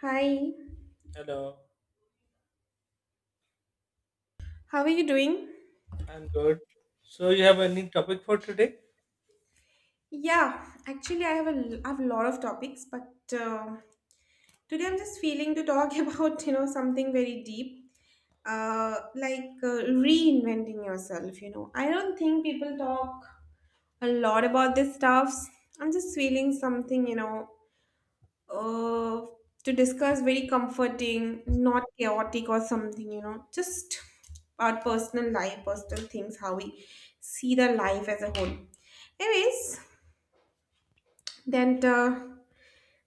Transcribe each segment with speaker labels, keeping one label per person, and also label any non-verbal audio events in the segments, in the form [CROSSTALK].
Speaker 1: Hi.
Speaker 2: Hello,
Speaker 1: How are you doing?
Speaker 2: I'm good. So, you have any topic for today?
Speaker 1: Yeah, actually, I have a lot of topics, but today I'm just feeling to talk [LAUGHS] about you know something very deep, uh, like uh, reinventing yourself. You know, I don't think people talk a lot about this stuff. I'm just feeling something uh, to discuss very comforting, not chaotic or something, you know, just our personal life, personal things, how we see the life as a whole. Anyways, that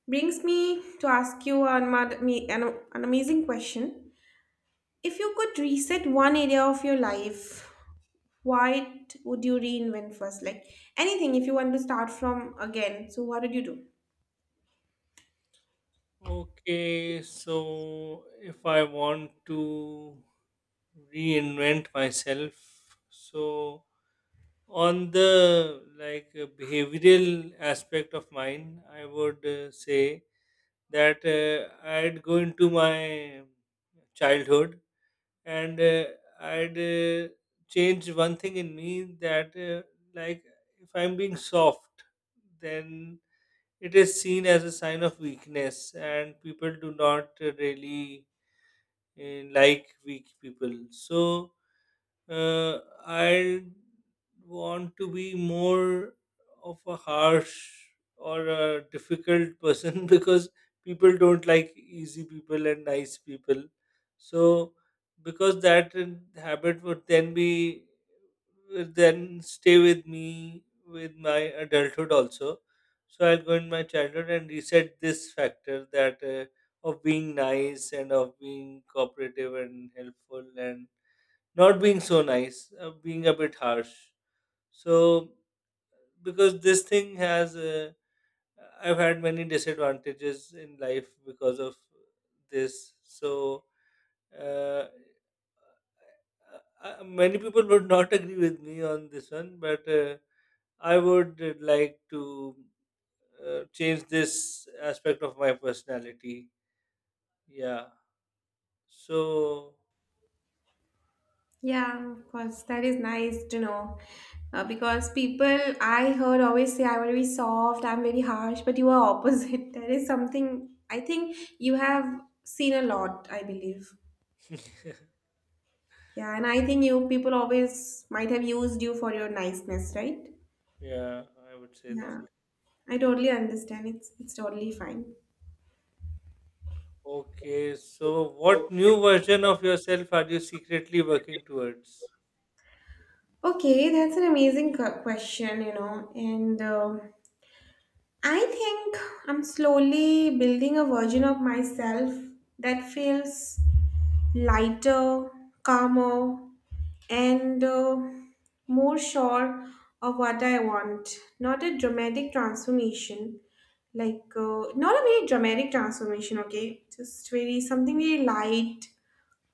Speaker 1: brings me to ask you an, ma- me- an amazing question. If you could reset one area of your life, what would you reinvent first? Like anything, if you want to start from again, so what did you do?
Speaker 2: Okay, so if I want to reinvent myself, so on the like behavioral aspect of mine, I would say that I'd go into my childhood and I'd change one thing in me that, like, if I'm being soft, then it is seen as a sign of weakness, and people do not really like weak people. So uh, I want to be more of a harsh or a difficult person [LAUGHS] because people don't like easy people and nice people. So, because that habit would then be would then stay with me with my adulthood also. So I'll go in my childhood and reset this factor that of being nice and of being cooperative and helpful and not being so nice, being a bit harsh. So, because this thing has, I've had many disadvantages in life because of this. So, uh, uh, many people would [LAUGHS] not agree with me on this one, but I would like to change this aspect of my personality. Yeah. So,
Speaker 1: Yeah, of course. That is nice to know. Because people I heard always say I'm very soft, I'm very harsh, but you are opposite. [LAUGHS] That is something I think you have seen a lot, I believe. Yeah, and I think you people always might have used you for your niceness, right?
Speaker 2: yeah, I would say that.
Speaker 1: Yeah, I totally understand. It's totally fine.
Speaker 2: Okay, so what new version of yourself are you secretly working towards?
Speaker 1: Okay, that's an amazing question, you know. And I think I'm slowly building a version of myself that feels lighter, calmer, and more sure of what I want. Not a dramatic transformation, not a very dramatic transformation. Okay, just very something very light,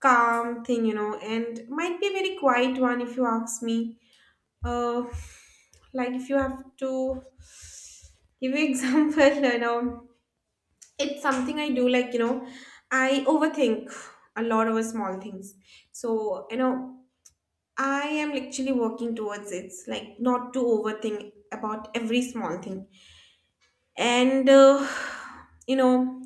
Speaker 1: calm thing, you know, and might be a very quiet one if you ask me. Uh, like if you have to give you example, [LAUGHS] you know it's something I do like, you know, I overthink a lot over small things. So, you know, I am actually working towards it, like not to overthink about every small thing. And, you know,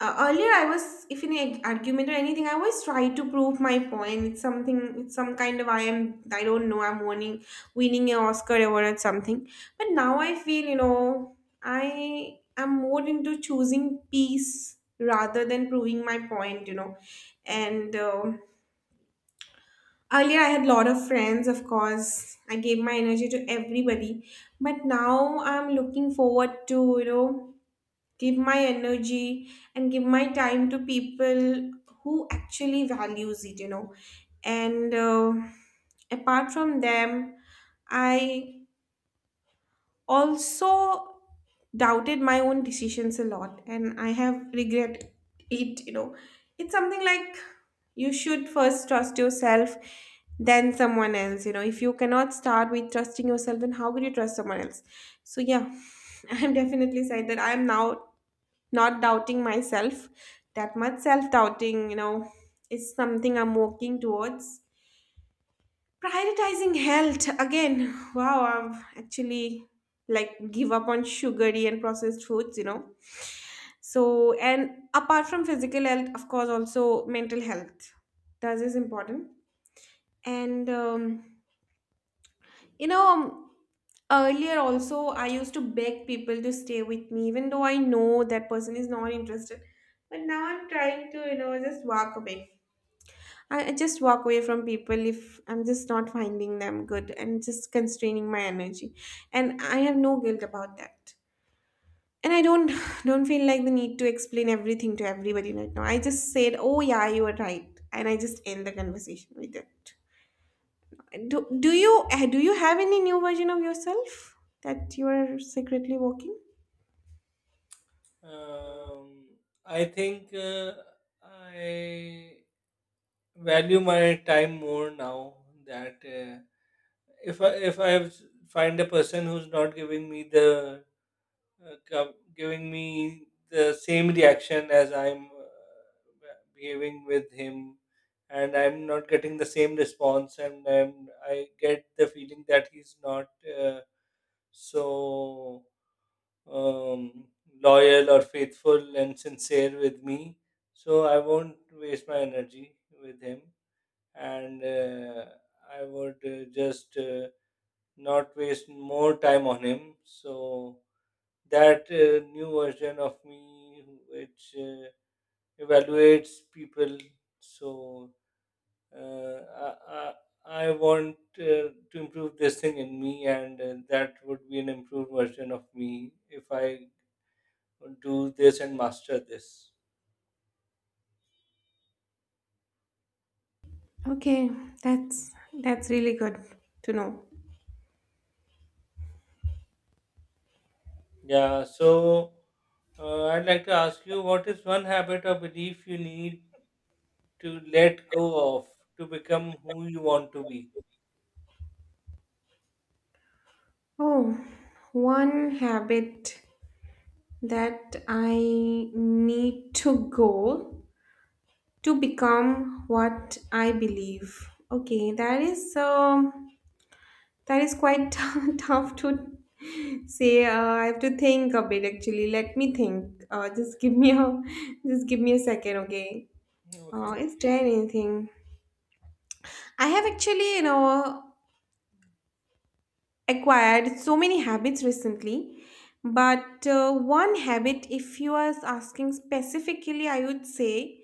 Speaker 1: earlier I was if in an argument or anything I always try to prove my point. It's something, it's some kind of, I am I don't know I'm winning an oscar award or something, but now I feel you know I am more into choosing peace rather than proving my point, you know. And earlier I had a lot of friends, of course I gave my energy to everybody, but now I'm looking forward to, you know, give my energy and give my time to people who actually values it, you know. And apart from them I also doubted my own decisions a lot and I have regret it, you know. It's something like, you should first trust yourself then someone else. You know, if you cannot start with trusting yourself, then how could you trust someone else? So yeah, [LAUGHS] I'm definitely sad that I'm now not doubting myself. That much self doubting, you know, is something I'm working towards. Prioritizing health again. Wow, I've actually like give up on sugary and processed foods, you know. So, and apart from physical health, of course, also mental health. That is important. And you know, earlier also, I used to beg people to stay with me, even though I know that person is not interested. But now I'm trying to, you know, just walk away. I just walk away from people if I'm just not finding them good and just constraining my energy. And I have no guilt about that. And I don't [LAUGHS] [SIGHS] don't feel like the need to explain everything to everybody right now. I just said, "Oh yeah, you are right," and I just end the conversation with it. Do you do you have any new version of yourself that you are secretly working?
Speaker 2: Um, I think I value my time more now that if I find a person who's not giving me the giving me the same reaction as I'm behaving with him and I'm not getting the same response and I get the feeling that he's not uh, so um, loyal or faithful and sincere with me. So I won't waste my energy with him, and I would just not waste more time on him. So that new version of me, which evaluates people, so uh, I, I, I want to improve this thing in me, and that would be an improved version of me if I do this and master this.
Speaker 1: Okay, that's that's really good to know.
Speaker 2: Yeah, so I'd like to ask you what is one habit or belief you need to let go of to become who you want to be?
Speaker 1: Oh, one habit that I need to go to become what I believe. Okay, that is quite [LAUGHS] tough to say. I have to think a bit, actually. Let me think, just give me a [LAUGHS] just give me a second, okay.
Speaker 2: Okay.
Speaker 1: Is there anything? I have actually, you know, acquired so many habits recently, but one habit, if you are asking specifically, I would say,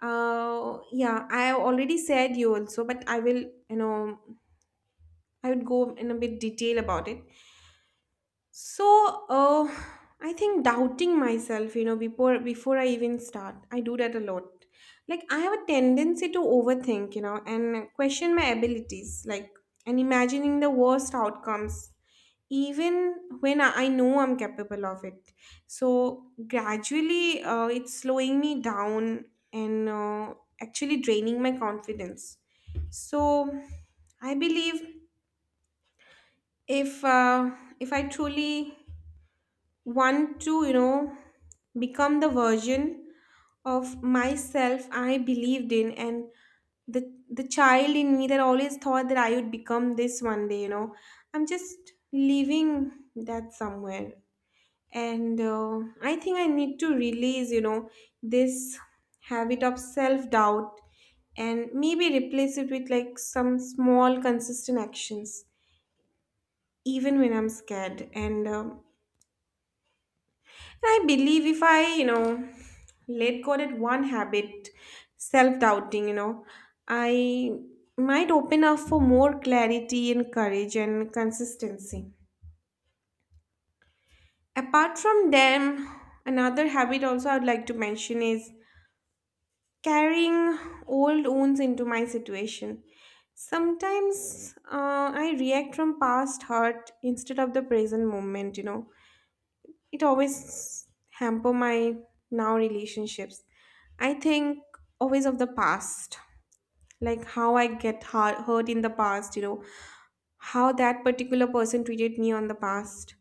Speaker 1: yeah, I already said you also, but I will, you know, I would go in a bit detail about it. So, I think doubting myself, you know, before I even start, I do that a lot. Like I have a tendency to overthink, you know, and question my abilities, like and imagining the worst outcomes, even when I know I'm capable of it. So gradually, it's slowing me down and actually draining my confidence. So I believe if uh, if I truly want to, you know, become the version of myself I believed in, and the child in me that always thought that I would become this one day, you know. I'm just leaving that somewhere, and I think I need to release, you know, this habit of self doubt and maybe replace it with like some small consistent actions even when I'm scared. And I believe if I, you know, let go that one habit, self doubting, you know, I might open up for more clarity and courage and consistency. Apart from them, another habit also I would like to mention is carrying old wounds into my situation. Sometimes I react from past hurt instead of the present moment, you know. It always hamper my now relationships. I think always of the past, like how I get hurt in the past, you know, how that particular person treated me on the past.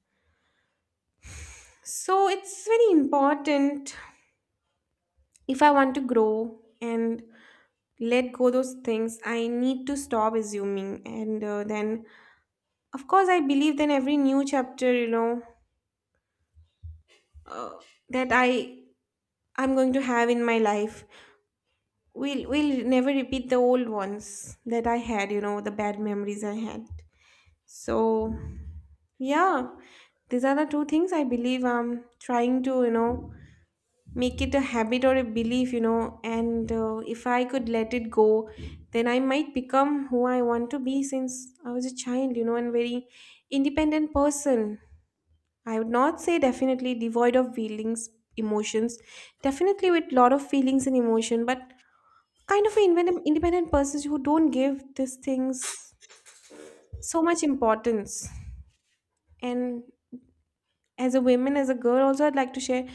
Speaker 1: So it's very important, if I want to grow and let go those things, I need to stop assuming, and then of course I believe then every new chapter, you know, uh, that i'm going to have in my life we'll never repeat the old ones that I had, you know, the bad memories I had. So yeah, these are the two things I believe I'm trying to, you know, make it a habit or a belief, you know, and if I could let it go, then I might become who I want to be since I was a child, you know, and very independent person. I would not say definitely devoid of feelings, emotions, definitely with lot of feelings and emotion, but kind of independent, independent persons who don't give these things so much importance. And as a woman, as a girl, also I'd like to share,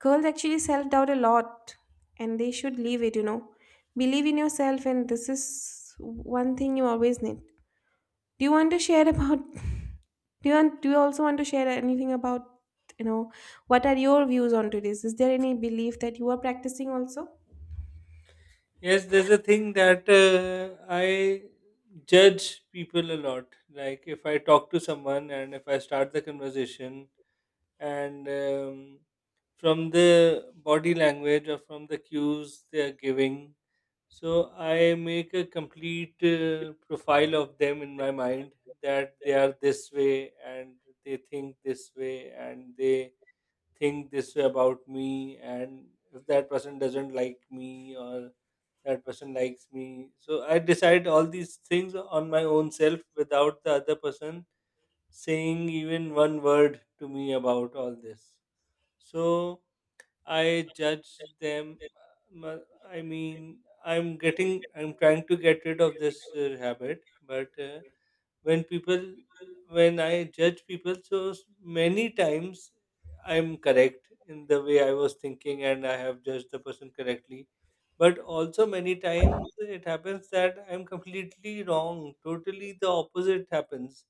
Speaker 1: girls actually self doubt a lot and they should leave it, you know. Believe in yourself, and this is one thing you always need. Do you want to share about? [LAUGHS] Do you also want to share anything about, you know, what are your views on to this? Is there any belief that you are practicing also?
Speaker 2: Yes, there's a thing that I judge people a lot. Like if I talk to someone and if I start the conversation and from the body language or from the cues they are giving. So I make a complete profile of them in my mind that they are this way and they think this way and they think this way about me and if that person doesn't like me or that person likes me. So I decide all these things on my own self without the other person saying even one word to me about all this. So I judge them. uh, I mean, I'm trying to get rid of this habit, but when people, when I judge people, so many times I'm correct in the way I was thinking and I have judged the person correctly. But also, many times it happens that I'm completely wrong. Totally the opposite happens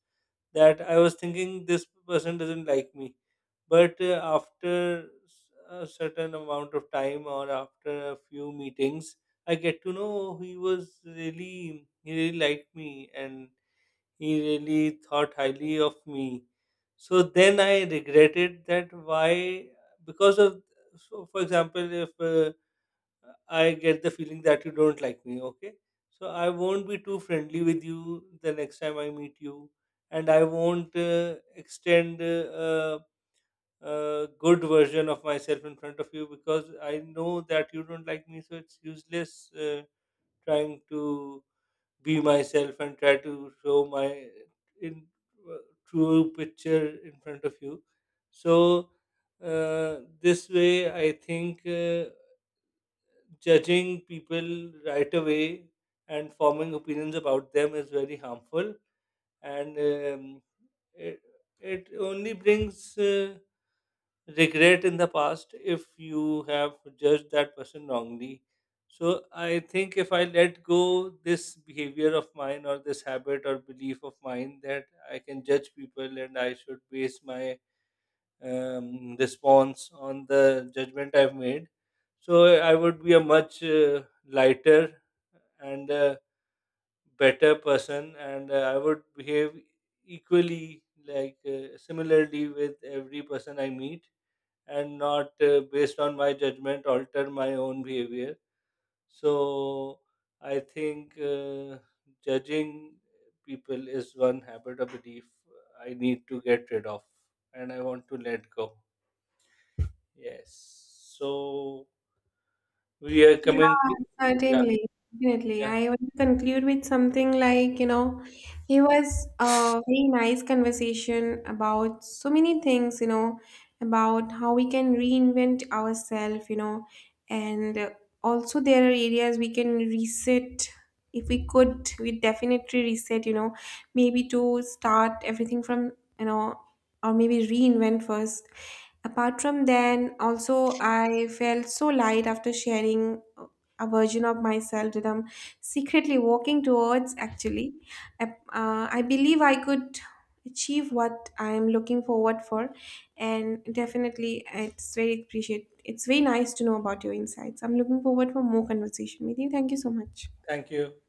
Speaker 2: that I was thinking this person doesn't like me. But after a certain amount of time or after a few meetings, I get to know he was he really liked me and he really thought highly of me. So then I regretted that why, because of, so for example, if I get the feeling that you don't like me, okay? So I won't be too friendly with you the next time I meet you, and I won't extend a good version of myself in front of you because I know that you don't like me, so it's useless trying to be myself and try to show my in, uh, true picture in front of you. So this way, I think. Judging people right away and forming opinions about them is very harmful and it, it only brings regret in the past if you have judged that person wrongly. So I think if I let go this behavior of mine or this habit or belief of mine that I can judge people and I should base my response on the judgment I've made. So I would be a much lighter and better person, and I would behave equally, like similarly, with every person I meet, and not based on my judgment alter my own behavior. So I think judging people is one habit or belief I need to get rid of, and I want to let go. Yes. So we are coming.
Speaker 1: Yeah,
Speaker 2: Yeah,
Speaker 1: certainly. Definitely.
Speaker 2: yeah.
Speaker 1: I would conclude with something like, you know, it was a very nice conversation about so many things, you know, about how we can reinvent ourselves, you know, and also there are areas we can reset. If we could, we definitely reset, you know, maybe to start everything from, you know, or maybe reinvent first. Apart from then, also I felt so light after sharing a version of myself that I'm secretly walking towards. Actually, I, I believe I could achieve what I'm looking forward for, and definitely it's very appreciate. It's very nice to know about your insights. I'm looking forward for more conversation with you. Thank you so much.
Speaker 2: Thank you.